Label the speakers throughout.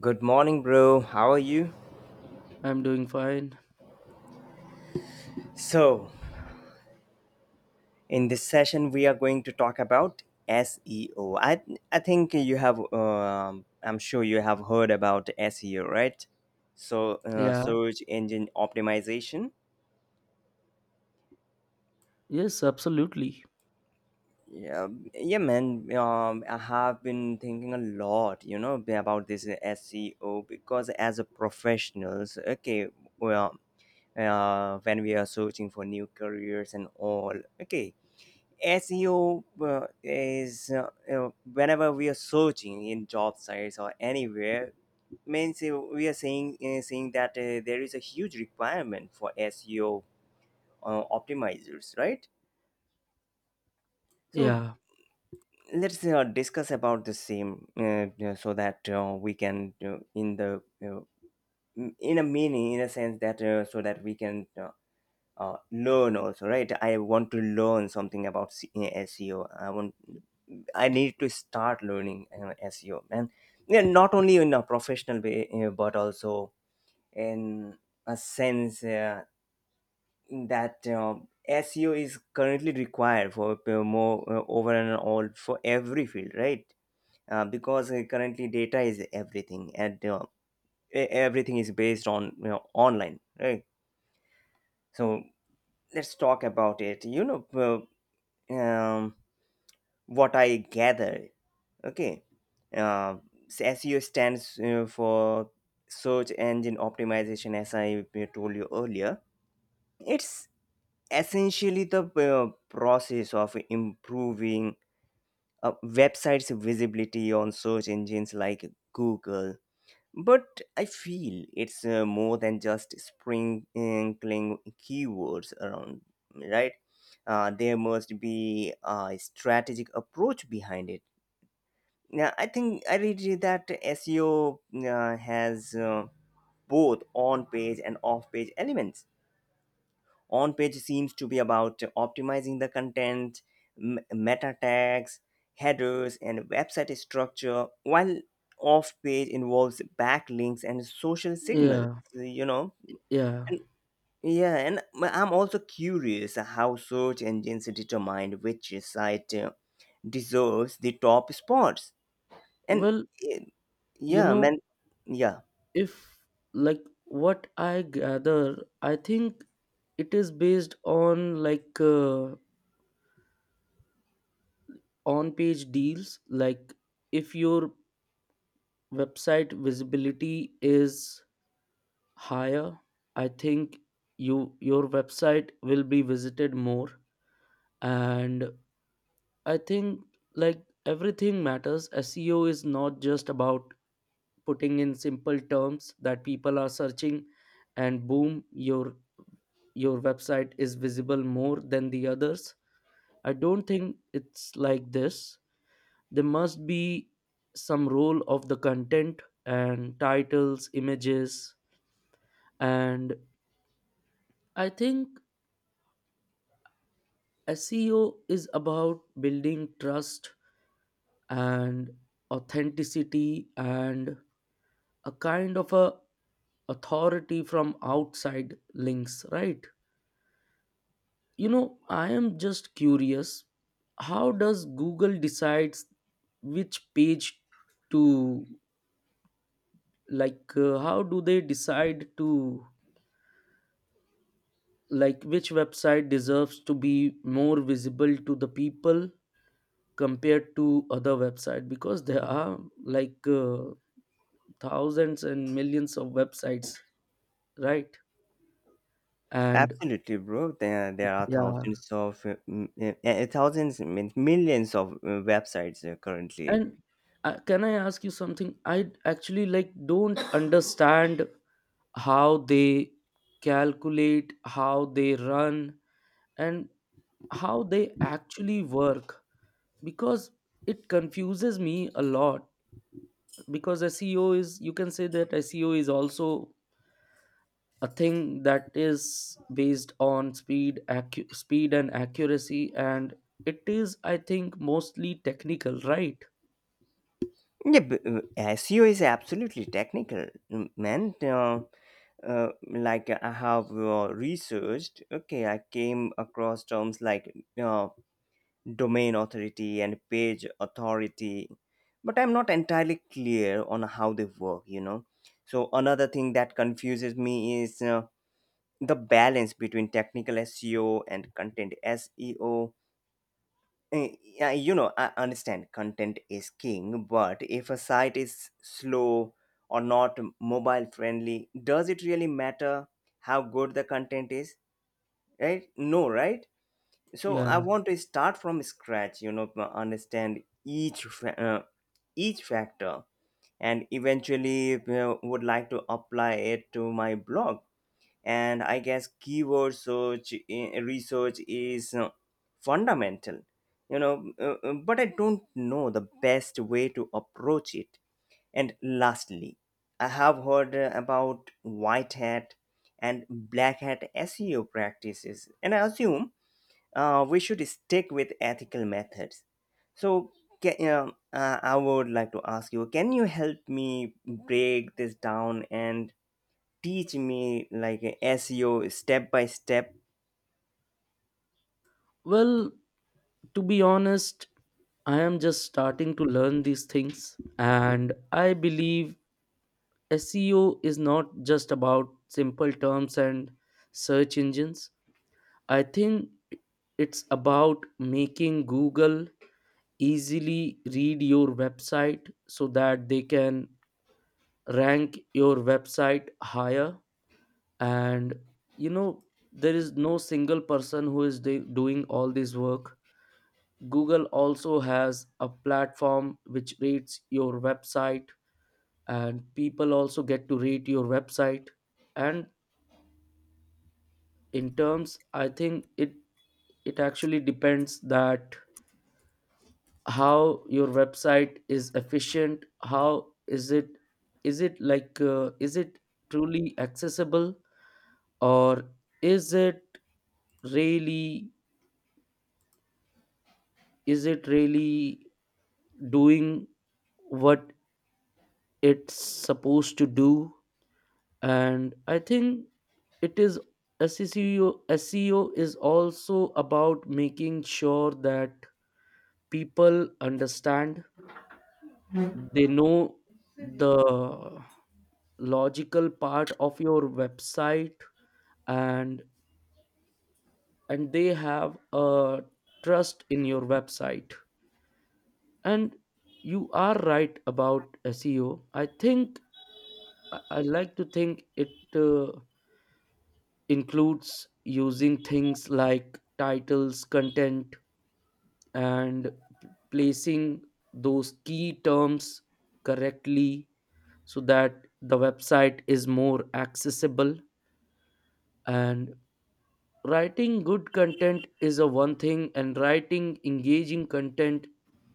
Speaker 1: Good morning, bro. How are you?
Speaker 2: I'm doing fine.
Speaker 1: So in this session, we are going to talk about SEO. I think you have, I'm sure you have heard about SEO, right? So,
Speaker 2: Yeah.
Speaker 1: search engine optimization.
Speaker 2: Yes, absolutely.
Speaker 1: Yeah, yeah, man. I have been thinking a lot, you know, about this SEO because as a professionals, okay, well, when we are searching for new careers and all, okay, SEO is whenever we are searching in job sites or anywhere means we are saying saying that there is a huge requirement for SEO optimizers, right? So
Speaker 2: Yeah.
Speaker 1: let's discuss about the same so that we can in the m- in a meaning in a sense that so that we can learn also, right. I want to learn something about SEO. I want I need to start learning SEO, man. Yeah, not only in a professional way, but also in a sense that SEO is currently required for more over and all for every field, right? Because currently data is everything, and everything is based on, you know, online, right? So let's talk about it. You know, uh, um, what I gather, okay, uh, SEO stands for search engine optimization, as I told you earlier. It's essentially the process of improving a website's visibility on search engines like Google. But I feel it's more than just sprinkling keywords around, right? There must be a strategic approach behind it. Yeah, I think I read you that SEO has both on page and off page elements. On page seems to be about optimizing the content, meta tags, headers, and website structure, while off page involves backlinks and social signals,
Speaker 2: Yeah.
Speaker 1: you know.
Speaker 2: Yeah.
Speaker 1: And yeah, and I'm also curious how search engines determine which site deserves the top spots. And
Speaker 2: Well,
Speaker 1: eh,
Speaker 2: you
Speaker 1: yeah,
Speaker 2: know,
Speaker 1: man, yeah,
Speaker 2: if like what I gather, I think it is based on like on page deals. Like if your website visibility is higher, I think you your website will be visited more, and I think like everything matters. SEO is not just about putting in simple terms that people are searching, and boom, your website is visible more than the others. I don't think it's like this. There must be some role of the content and titles, images, and I think SEO is about building trust and authenticity and a kind of a authority from outside links, right? You know, I am just curious, how does Google decides which page to, like how do they decide to, like, which website deserves to be more visible to the people compared to other website, because there are, like thousands and millions of websites, right? And
Speaker 1: absolutely, bro. There are
Speaker 2: yeah,
Speaker 1: thousands of thousands, millions of websites currently.
Speaker 2: and can I ask you something? I actually like don't understand how they calculate, how they run, and how they actually work, because it confuses me a lot. Because SEO is, you can say that SEO is also a thing that is based on speed and accuracy, and it is, I think, mostly technical, right?
Speaker 1: Yeah, SEO is absolutely technical, man. Like I have researched. Okay, I came across terms like uh, domain authority and page authority, but I'm not entirely clear on how they work, you know. So another thing that confuses me is the balance between technical SEO and content SEO. Eh, yeah, you know, I understand content is king, but if a site is slow or not mobile friendly, does it really matter how good the content is, right? No, right? So I
Speaker 2: Yeah.
Speaker 1: want to start from scratch, you know, to understand each each factor, and eventually, you know, would like to apply it to my blog. And I guess keyword research is fundamental, you know. But I don't know the best way to approach it. And lastly, I have heard about white hat and black hat SEO practices, and I assume we should stick with ethical methods. So can, I would like to ask you: can you help me break this down and teach me like SEO step by step?
Speaker 2: Well, to be honest, I am just starting to learn these things, and I believe SEO is not just about simple terms and search engines. I think it's about making Google easily read your website so that they can rank your website higher. And you know, there is no single person who is doing all this work. Google also has a platform which rates your website, and people also get to rate your website, and in terms I think it, it actually depends that how your website is efficient, how is it, is it like is it truly accessible, or is it really, is it really doing what it's supposed to do. And I think it is SEO SEO is also about making sure that people understand, they know the logical part of your website, and and they have a trust in your website. And you are right about SEO, I think I like to think it includes using things like titles, content, and placing those key terms correctly so that the website is more accessible. And writing good content is a one thing, and writing engaging content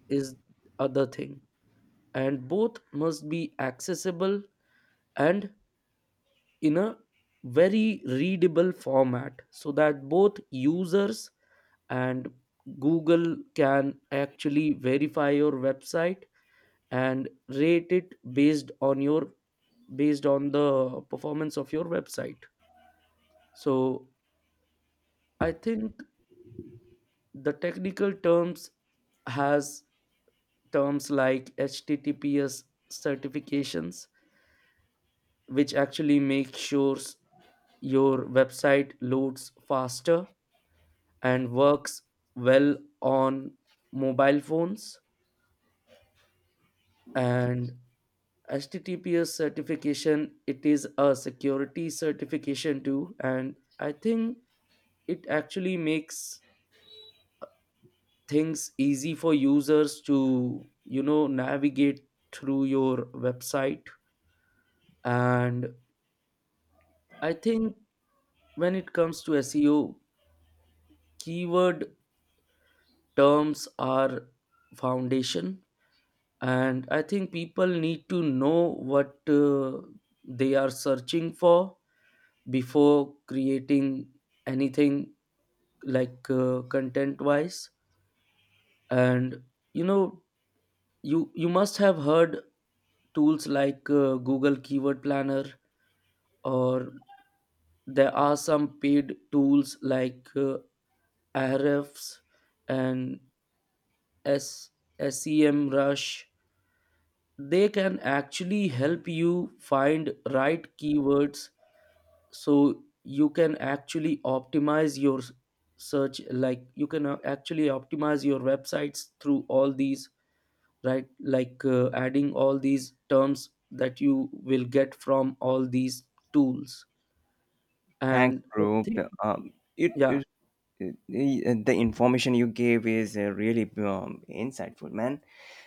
Speaker 2: is other thing, and both must be accessible and in a very readable format so that both users and Google can actually verify your website and rate it based on your, based on the performance of your website. So I think the technical terms has terms like HTTPS certifications which actually make sure your website loads faster and works well on mobile phones. And HTTPS certification, it is a security certification too, and I think it actually makes things easy for users to, you know, navigate through your website. And I think when it comes to SEO, keyword terms are foundation, and I think people need to know what they are searching for before creating anything, like content wise. And you know, you must have heard tools like Google Keyword Planner, or there are some paid tools like Ahrefs and S, SEM Rush. They can actually help you find right keywords, so you can actually optimize your search, like you can actually optimize your websites through all these, right? Like adding all these terms that you will get from all these tools.
Speaker 1: Thanks,
Speaker 2: And I
Speaker 1: bro.
Speaker 2: think,
Speaker 1: Um, it,
Speaker 2: yeah.
Speaker 1: it, it, the information you gave is really insightful, man.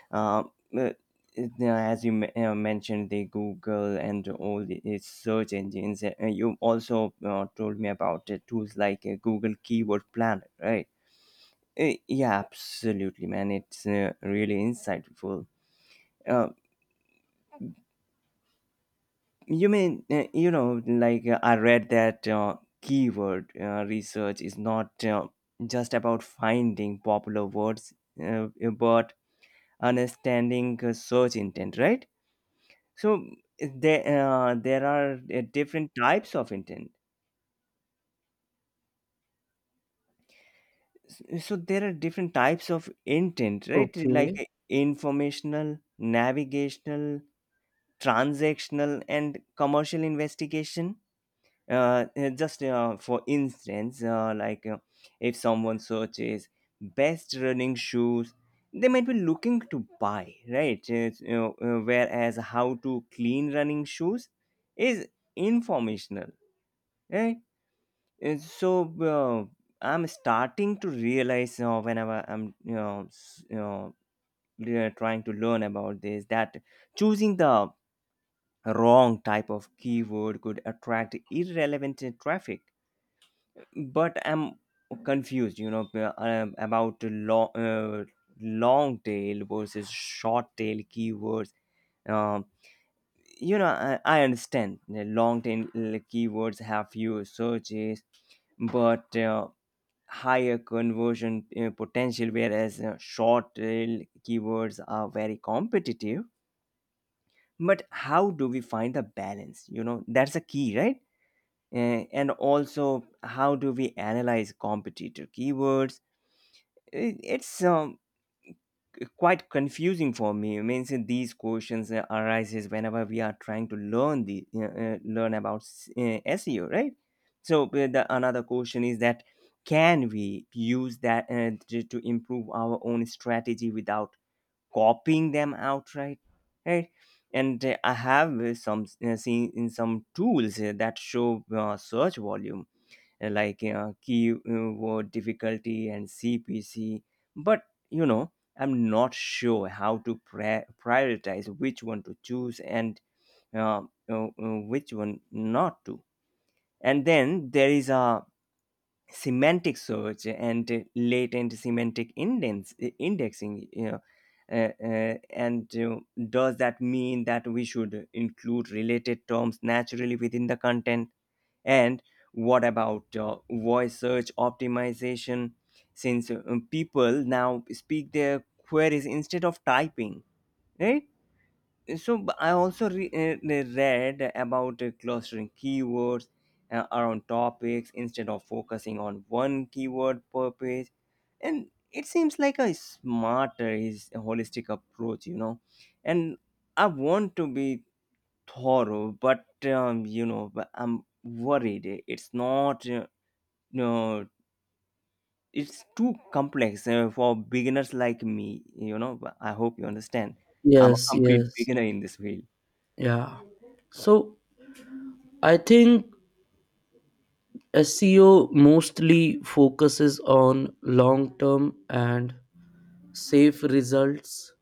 Speaker 1: Um, uh, uh, as you mentioned, the Google and all the- its search engines, you also told me about tools like Google Keyword Planner, right? Yeah, absolutely, man. It's really insightful. Uh, you mean, you know, like I read that keyword research is not just about finding popular words, uh, but understanding search intent, right? So there are different types of intent. So there are different types of intent, right, like
Speaker 2: Okay.
Speaker 1: informational, navigational, transactional, and commercial investigation. Just for instance, if someone searches best running shoes, they might be looking to buy, right? It's, you know, whereas how to clean running shoes is informational, right? So uh, I'm starting to realize, whenever I'm, you know, you know, trying to learn about this, that choosing the wrong type of keyword could attract irrelevant traffic. But I'm confused, you know, about long tail versus short tail keywords. um, you know, I understand the long tail keywords have fewer searches but higher conversion potential, whereas short tail keywords are very competitive. But how do we find the balance? You know, that's a key, right? And also, how do we analyze competitor keywords? It's quite confusing for me. I mean, so these questions arises whenever we are trying to learn the learn about SEO, right? So the another question is that can we use that uh, to improve our own strategy without copying them outright, right? And I have some seen in some tools that show search volume, like key word difficulty and CPC. But you know, I'm not sure how to prioritize which one to choose and uh, uh, uh, which one not to. And then there is a semantic search and latent semantic indents, indexing. You know, and does that mean that we should include related terms naturally within the content? And what about voice search optimization? Since people now speak their queries instead of typing, right? So I also read about clustering keywords around topics instead of focusing on one keyword per page, and it seems like a smarter, is a holistic approach, you know. And I want to be thorough, but you know, but I'm worried it's not. No, it's too complex for beginners like me. You know, but I hope you understand. I'm a
Speaker 2: Yes,
Speaker 1: complete
Speaker 2: yes,
Speaker 1: beginner in this field.
Speaker 2: yeah. So I think SEO mostly focuses on long term and safe results,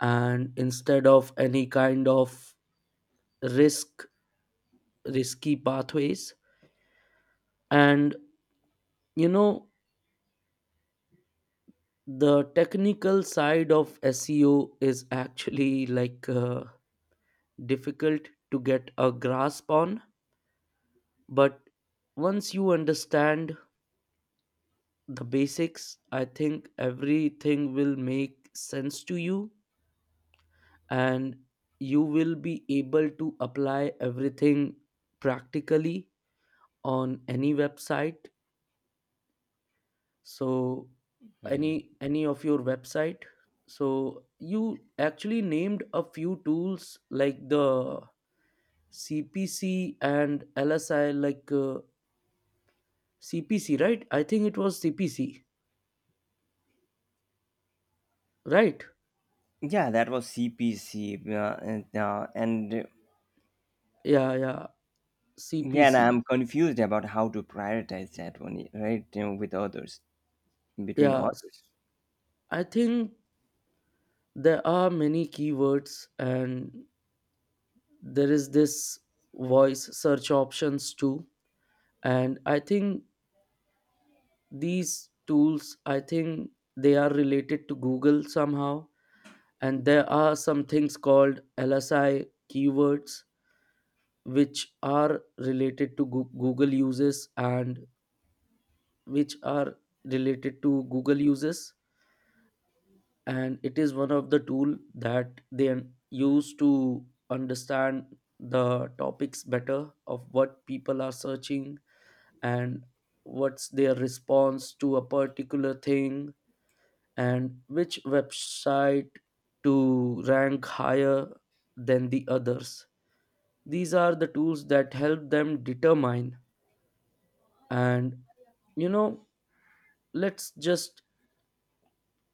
Speaker 2: and instead of any kind of risk risky pathways. And you know, the technical side of SEO is actually like difficult to get a grasp on. But once you understand the basics, I think everything will make sense to you, and you will be able to apply everything practically on any website. So
Speaker 1: Mhm.
Speaker 2: any of your website. So you actually named a few tools like the CPC and LSI, like CPC, right? I think it was CPC, right?
Speaker 1: Yeah, that was CPC, and
Speaker 2: Yeah, yeah,
Speaker 1: yeah, and
Speaker 2: CPC.
Speaker 1: I'm confused about how to prioritize that one, right, you know, with others, between
Speaker 2: Yeah,
Speaker 1: others.
Speaker 2: I think there are many keywords, and there is this voice search options too. And I think these tools, I think they are related to Google somehow. And there are some things called LSI keywords which are related to Google uses, and which are related to Google uses. And it is one of the tool that they use to understand the topics better of what people are searching, and what's their response to a particular thing, and which website to rank higher than the others. These are the tools that help them determine. And you know, let's just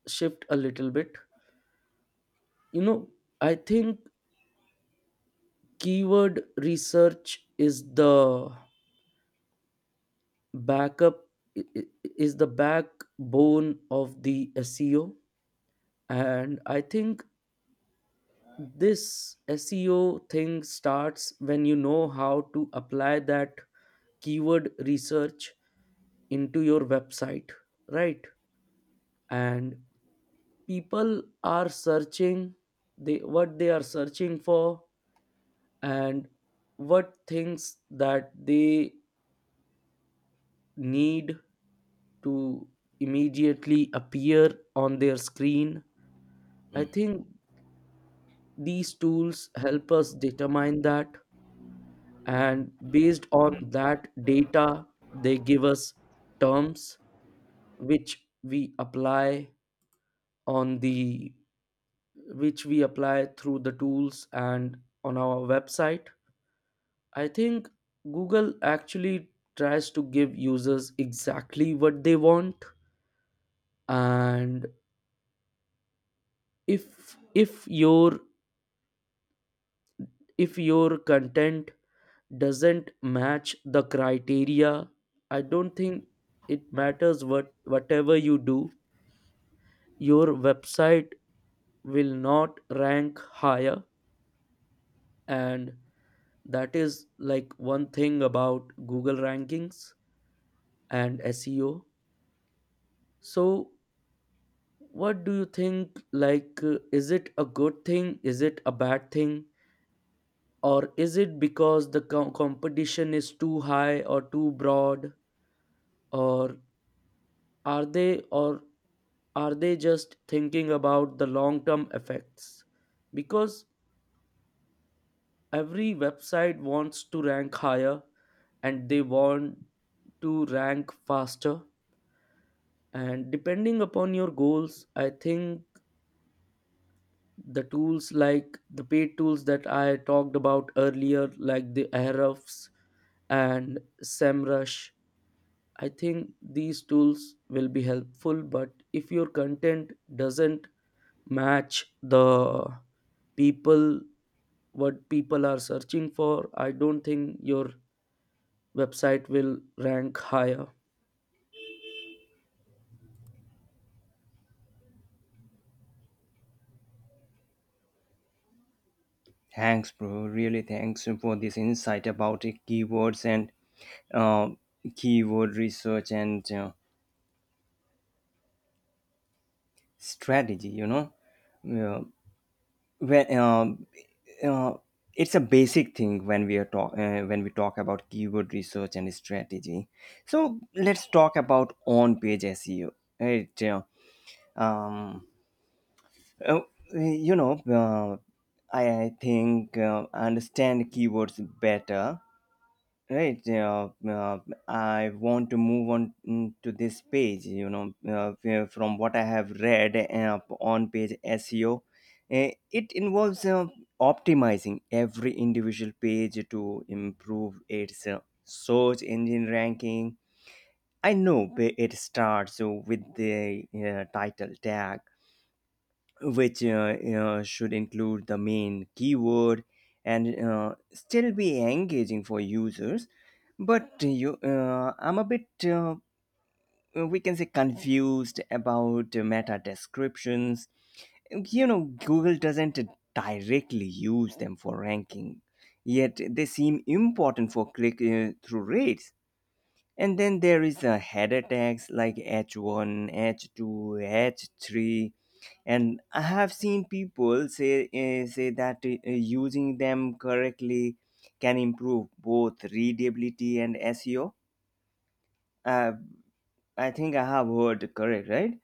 Speaker 2: shift a little bit. You know, I think keyword research is the backup i- i- is the backbone of the SEO. And I think this SEO thing starts when you know how to apply that keyword research into your website, right? And people are searching, they, what they are searching for, and what things that they need to immediately appear on their screen. I think these tools help us determine that, and based on that data, they give us terms which we apply on the which we apply through the tools and on our website. I think Google actually tries to give users exactly what they want. And if your, if your content doesn't match the criteria, I don't think it matters what whatever you do, your website will not rank higher. And that is like one thing about Google rankings and SEO. So what do you think, like is it a good thing, is it a bad thing, or is it because the competition is too high or too broad, or are they, or are they just thinking about the long term effects? Because every website wants to rank higher, and they want to rank faster. And depending upon your goals, I think the tools, like the paid tools that I talked about earlier, like the Ahrefs and SEMrush, I think these tools will be helpful. But if your content doesn't match the people, what people are searching for, I don't think your website will rank higher.
Speaker 1: Thanks, bro. Really, thanks for this insight about keywords and uh, keyword research and strategy. You know, uh, when uh, it's a basic thing when we are talk when we talk about keyword research and strategy. So let's talk about on-page SEO, right? Um, uh, you know, I think I understand keywords better, right. I want to move on, to this page. You know, from what I have read on page SEO, it involves optimizing every individual page to improve its search engine ranking. I know where it starts with the title tag, which should include the main keyword and still be engaging for users, but I'm a bit, we can say, confused about meta descriptions. You know, Google doesn't directly use them for ranking, yet they seem important for click through rates. And then there is a header tags like H1, H2, H3, and I have seen people say that using them correctly can improve both readability and SEO. Uh, I think I have heard correct, right?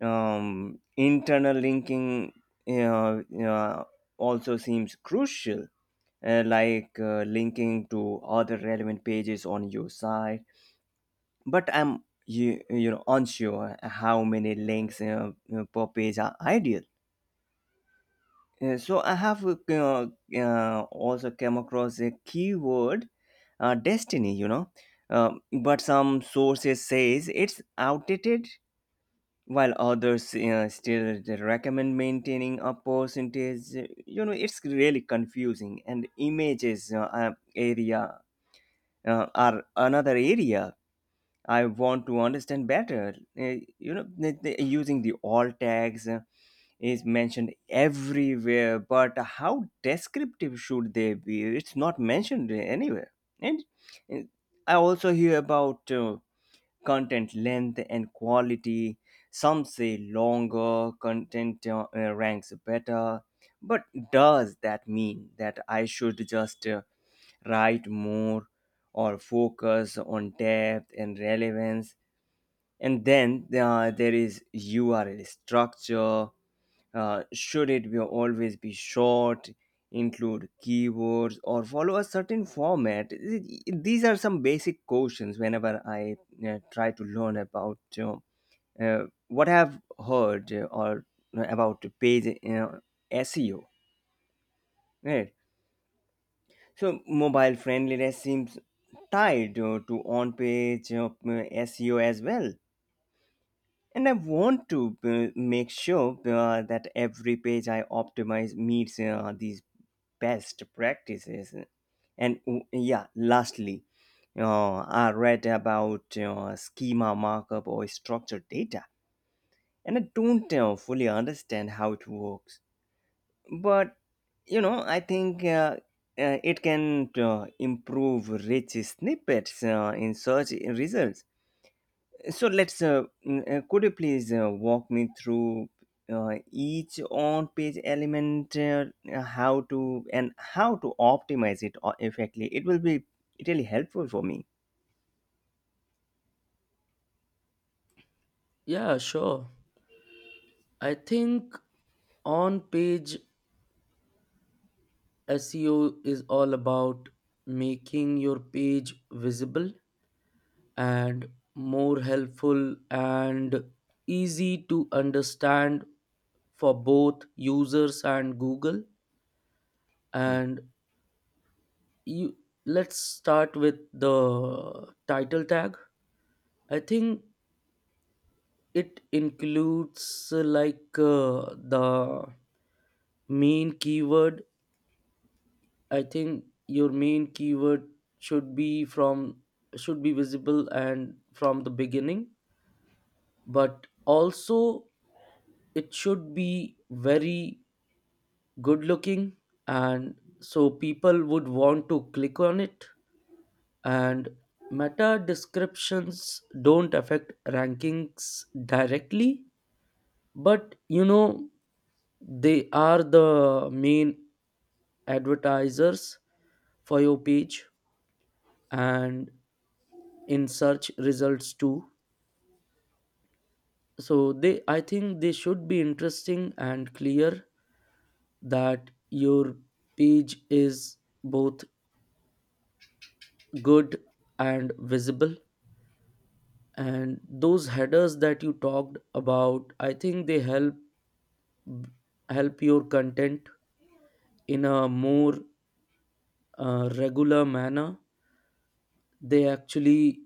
Speaker 1: Internal linking uh, uh, also seems crucial, linking to other relevant pages on your site. But I'm, you know, unsure how many links per page are ideal. So I have also come across a keyword, destiny. You know, but some sources says it's outdated, while others still recommend maintaining a percentage. You know, it's really confusing. And images are another area I want to understand better. You know, using the all tags is mentioned everywhere, but how descriptive should they be? It's not mentioned anywhere. And uh, I also hear about content length and quality. Some say longer content ranks better. But does that mean that I should just write more or focus on depth and relevance? And then there is URL structure. Should it be always be short, include keywords, or follow a certain format? These are some basic questions whenever I try to learn about what I've heard or about page SEO, right. So mobile friendliness seems tied to on-page SEO as well. And I want to make sure that every page I optimize meets these best practices. And yeah, lastly, I read about schema markup or structured data, and I don't fully understand how it works. But you know, I think it can improve rich snippets in search results. So could you please walk me through each on page element, how to optimize it effectively. It will be really helpful for me.
Speaker 2: Yeah, sure. I think on page SEO is all about making your page visible and more helpful and easy to understand for both users and Google.
Speaker 1: Mm,
Speaker 2: And you, let's start with the title tag. I think it includes the main keyword. I think your main keyword should be from, should be visible and from the beginning, but also it should be very good looking, and so people would want to click on it. And meta descriptions don't affect rankings directly, but you know, they are the main advertisers for your page and in search results too. So they, I think they should be interesting and clear, that your page is both good and visible. And those headers that you talked about, I think they help, help your content in a more regular manner. They actually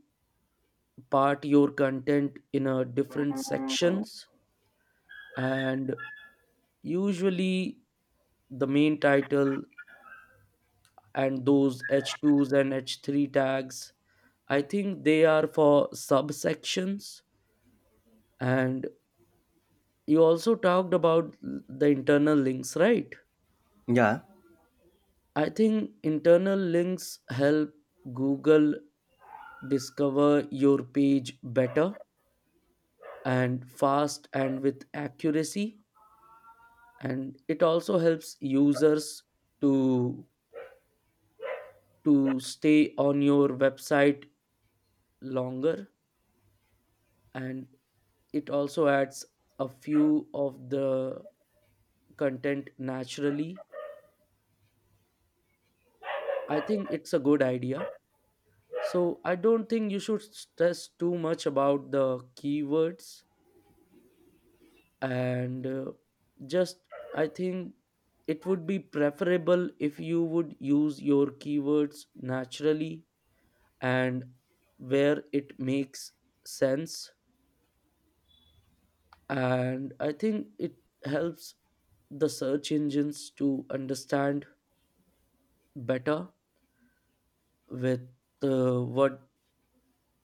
Speaker 2: part your content in a different sections. And usually the main title and those H2s and H3 tags, I think they are for subsections. And you also talked about the internal links, right?
Speaker 1: yeah.
Speaker 2: I think internal links help Google discover your page better and fast and with accuracy. And it also helps users to to stay on your website longer. And it also adds a few of the content naturally. I think it's a good idea. So I don't think you should stress too much about the keywords and just, I think it would be preferable if you would use your keywords naturally and where it makes sense. And I think it helps the search engines to understand better with what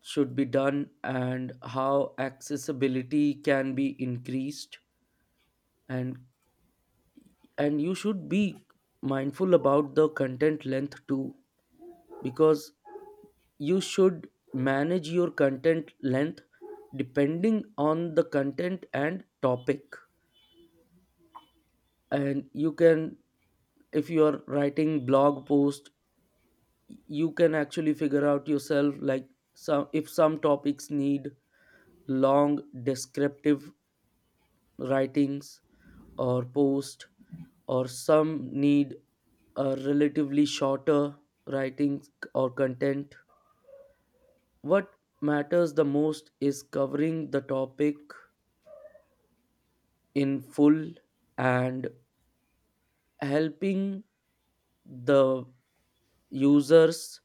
Speaker 2: should be done and how accessibility can be increased. and and you should be mindful about the content length too, because you should manage your content length depending on the content and topic. And you can, if you are writing blog post, you can actually figure out yourself, like, some, if some topics need long descriptive writings or post, or some need a relatively shorter writings or content. What matters the most is covering the topic in full and helping the users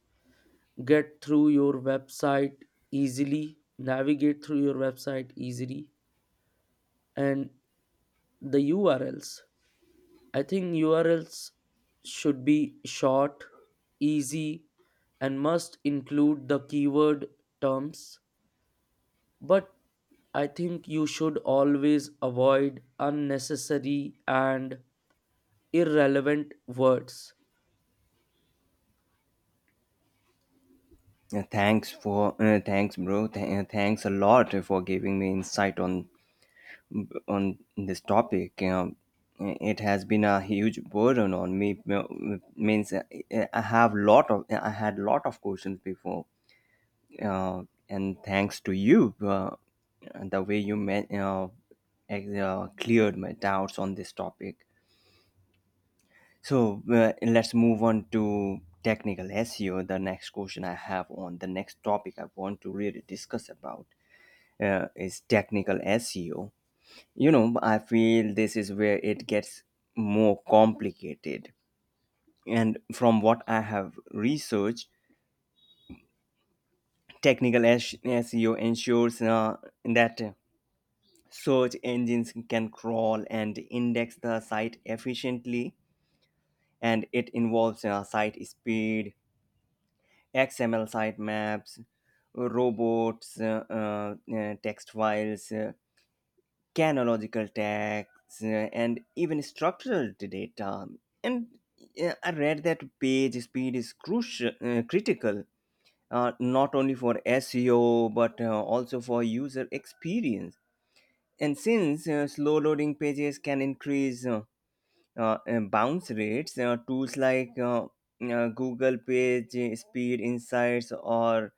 Speaker 2: get through your website easily, navigate through your website easily. And the URLs, I think URLs should be short, easy, and must include the keyword terms. But I think you should always avoid unnecessary and irrelevant words.
Speaker 1: Uh, thanks for Thanks bro. Thanks a lot for giving me insight on on this topic. It has been a huge burden on me. Uh, means I have lot of I had lot of questions before. uh, and thanks to you, the way you cleared my doubts on this topic. So let's move on to technical SEO. The next question I have on the next topic I want to really discuss about, is technical SEO. You know, I feel this is where it gets more complicated. And from what I have researched, technical SEO ensures that search engines can crawl and index the site efficiently, and it involves site speed, XML sitemaps, robots text files, chronological tags, uh, and even structural data. And I read that page speed is critical, not only for SEO but also for user experience. And since slow loading pages can increase and bounce rates, tools like Google Page Speed Insights or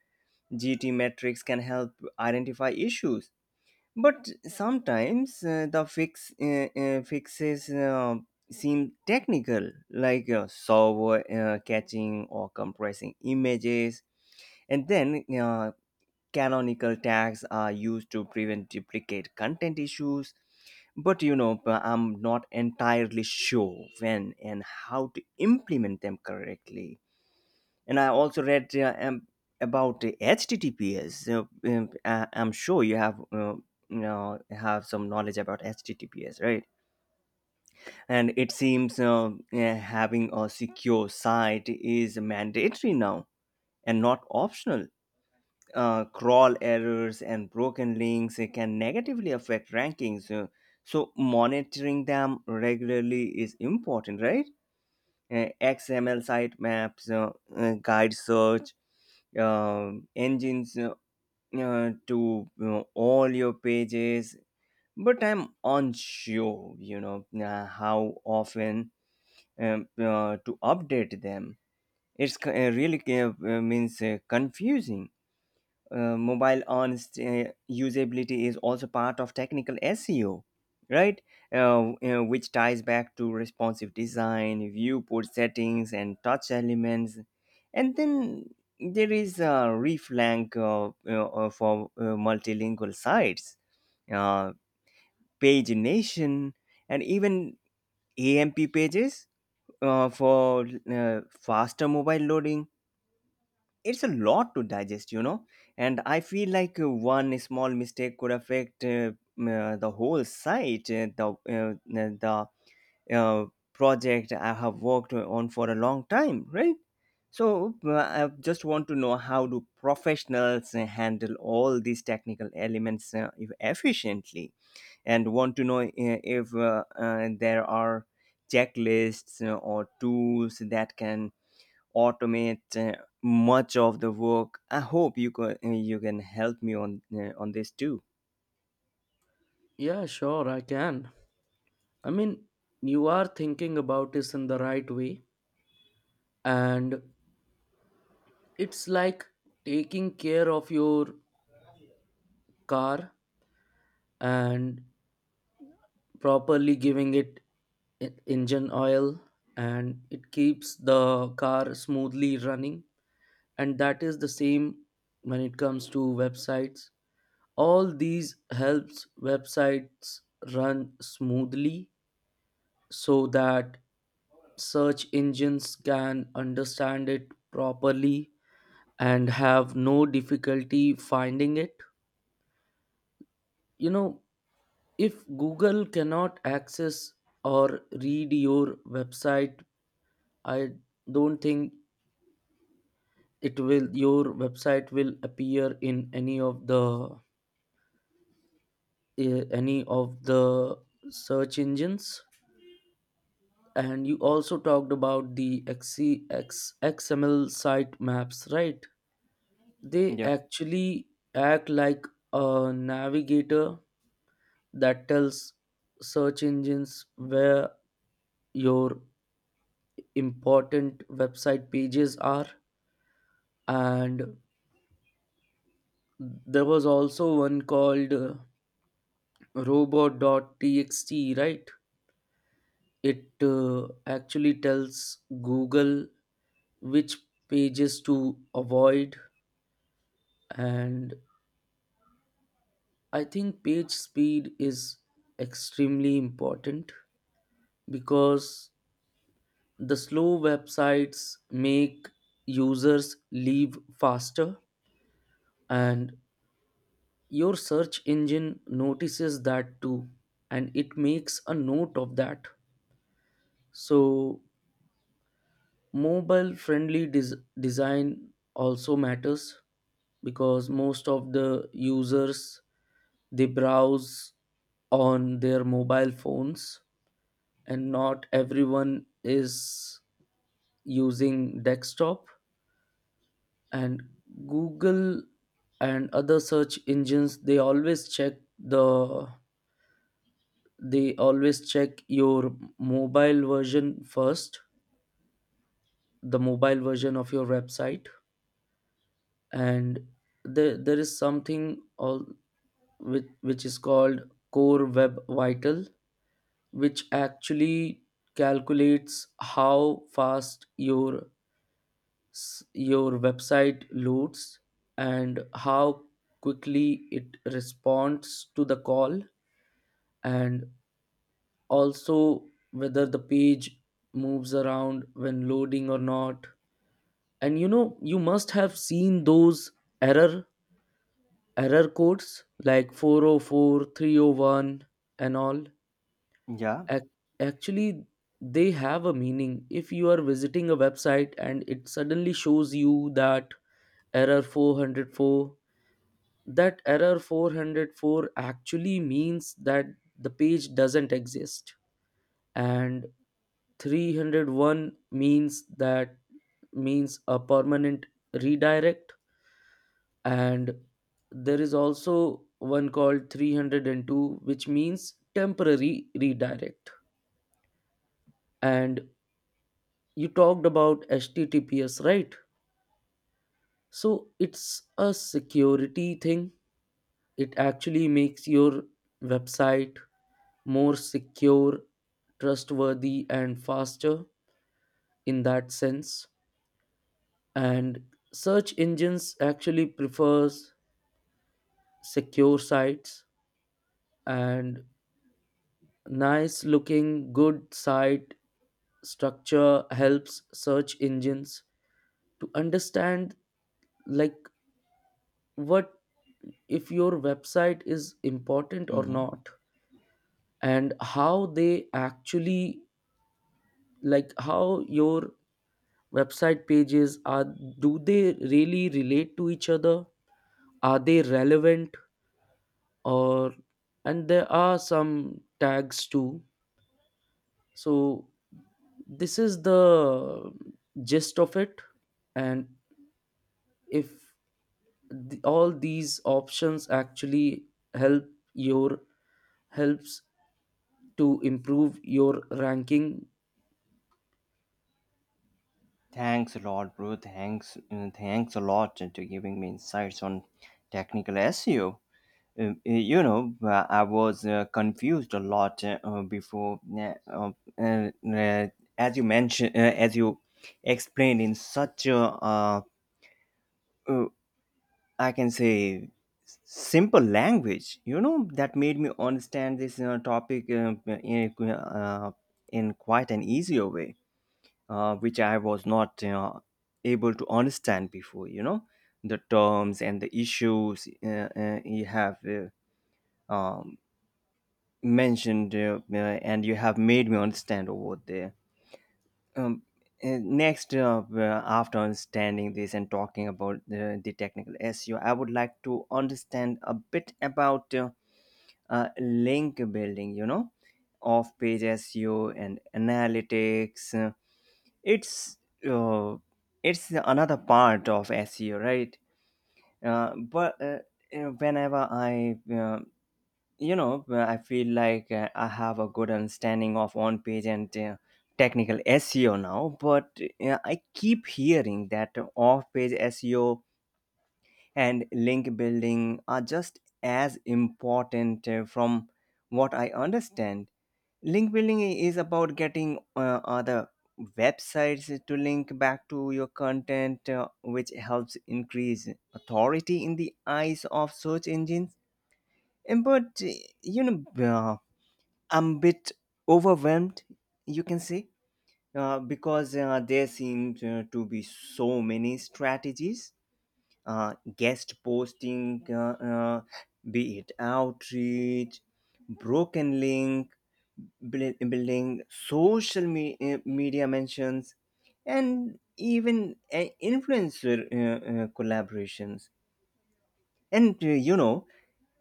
Speaker 1: GT metrics can help identify issues. But sometimes the fixes seem technical, like server catching or compressing images. And then Canonical tags are used to prevent duplicate content issues, but you know, I'm not entirely sure when and how to implement them correctly. And I also read about the HTTPS. I'm sure you have, you know, have some knowledge about HTTPS, right? And it seems, yeah, having a secure site is mandatory now and not optional. Crawl errors and broken links can negatively affect rankings. So monitoring them regularly is important, right? XML sitemaps, guide search engines, to, you know, all your pages. But I'm unsure, you know, how often to update them. It's really, means confusing. Mobile usability is also part of technical SEO, right? Which ties back to responsive design, viewport settings, and touch elements. And then there is a reflank, for multilingual sites, uh, pagination, and even AMP pages for faster mobile loading. It's a lot to digest, you know, and I feel like one small mistake could affect, the whole site, uh, the uh, project I have worked on for a long time, right? So I just want to know, how do professionals handle all these technical elements efficiently, and want to know if there are checklists or tools that can automate much of the work. I hope you can help me on this too.
Speaker 2: Yeah, sure, I can. I mean, you are thinking about this in the right way, and it's like taking care of your car and properly giving it engine oil, and it keeps the car smoothly running. And that is the same when it comes to websites. All these helps websites run smoothly so that search engines can understand it properly and have no difficulty finding it. You know, if Google cannot access or read your website, I don't think it will, your website will appear in any of the any of the search engines. And you also talked about the XCX XML site maps, right? They
Speaker 1: Yeah,
Speaker 2: actually act like a navigator that tells search engines where your important website pages are. And there was also one called robot.txt, right? It actually tells Google which pages to avoid. And I think page speed is extremely important, because the slow websites make users leave faster, and your search engine notices that too, and it makes a note of that. So mobile friendly design also matters, because most of the users, they browse on their mobile phones, and not everyone is using desktop. And Google and other search engines, they always check the they always check your mobile version first, the mobile version of your website. And there is something all which is called core web vital, which actually calculates how fast your your website loads, and how quickly it responds to the call, and also whether the page moves around when loading or not. And you know, you must have seen those error error codes like 404 301 and all.
Speaker 1: yeah.
Speaker 2: ac- Actually they have a meaning. If you are visiting a website and it suddenly shows you that error 404, that error 404 actually means that the page doesn't exist. And 301 means that, means a permanent redirect. And there is also one called 302 which means temporary redirect. And you talked about HTTPS, right? So it's a security thing. It actually makes your website more secure, trustworthy, and faster in that sense. And search engines actually prefers secure sites. And nice looking good site structure helps search engines to understand, like, what, if your website is important or
Speaker 1: Hmm.
Speaker 2: not, and how they actually, like, how your website pages are. Do they really relate to each other? Are they relevant? Or, and there are some tags too. So this is the gist of it. And if, all these options actually help your, helps to improve your ranking.
Speaker 1: Thanks a lot, bro. Thanks a lot to giving me insights on technical SEO. You know, I was confused a lot before. Uh, uh, as as you explained in such a, uh, I can say, simple language. You know, that made me understand this topic in quite an easier way, which I was not able to understand before. You know, the terms and the issues you have, um, mentioned, and you have made me understand over there. um, Next, after understanding this and talking about the technical SEO, I would like to understand a bit about link building, you know, off page SEO and analytics. It's uh, it's another part of SEO, right? But You know, whenever I, you know, I feel like I have a good understanding of on page and technical SEO now, but I keep hearing that off page SEO and link building are just as important. From what I understand, link building is about getting other websites to link back to your content, which helps increase authority in the eyes of search engines. And but uh, you know uh, I'm a bit overwhelmed, you can say, because there seem to be so many strategies: guest posting, be it outreach, broken link, building social media mentions, and even influencer collaborations. And You know,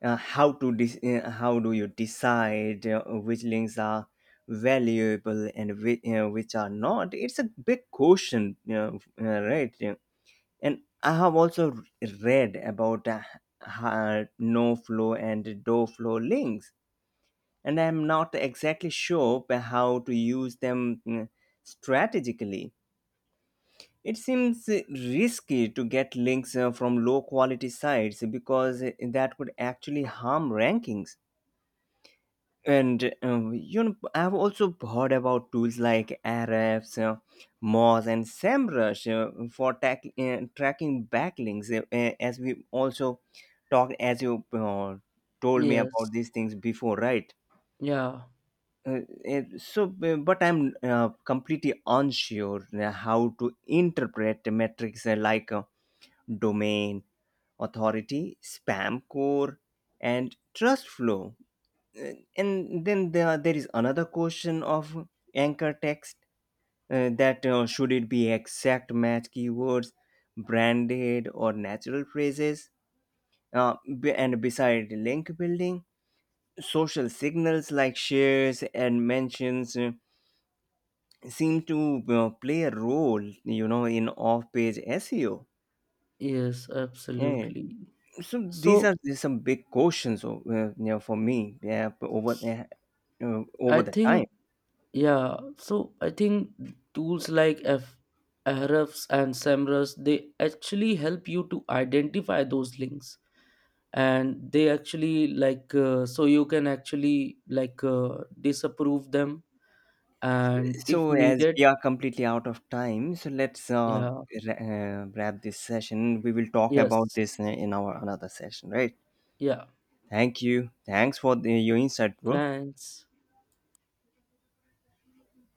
Speaker 1: how to dis? How do you decide which links are valuable and which are not? It's a big question, you know, right? Yeah. And I have also read about no flow and do flow links, and I'm not exactly sure how to use them strategically. It seems risky to get links from low quality sites because that could actually harm rankings. And you know, I've also heard about tools like Ahrefs, Moz, and SEMrush for tracking backlinks. As we also talked, as you, told me
Speaker 2: Yes.
Speaker 1: about these things before, right?
Speaker 2: Yeah.
Speaker 1: Uh, so, but I'm completely unsure how to interpret the metrics, like. Domain authority, spam core, and trust flow. Uh, And then there is another question of anchor text, that should it be exact match keywords, branded or natural phrases? uh, and beside link building, social signals like shares and mentions seem to play a role, you know, in off-page SEO.
Speaker 2: Yes, absolutely.
Speaker 1: So these are
Speaker 2: So
Speaker 1: these some big questions, you know, for me. Over
Speaker 2: I
Speaker 1: over the time.
Speaker 2: think, yeah, so I think tools like f Ahrefs and SEMrush, they actually help you to identify those links. And they actually like so you can actually like disapprove them. And if
Speaker 1: So as
Speaker 2: needed,
Speaker 1: we are completely out of time, so let's
Speaker 2: yeah.
Speaker 1: wrap this session. We will talk about
Speaker 2: Yes.
Speaker 1: this in our another session, right?
Speaker 2: Yeah,
Speaker 1: Thank you. Thanks for your insight, bro.
Speaker 2: France,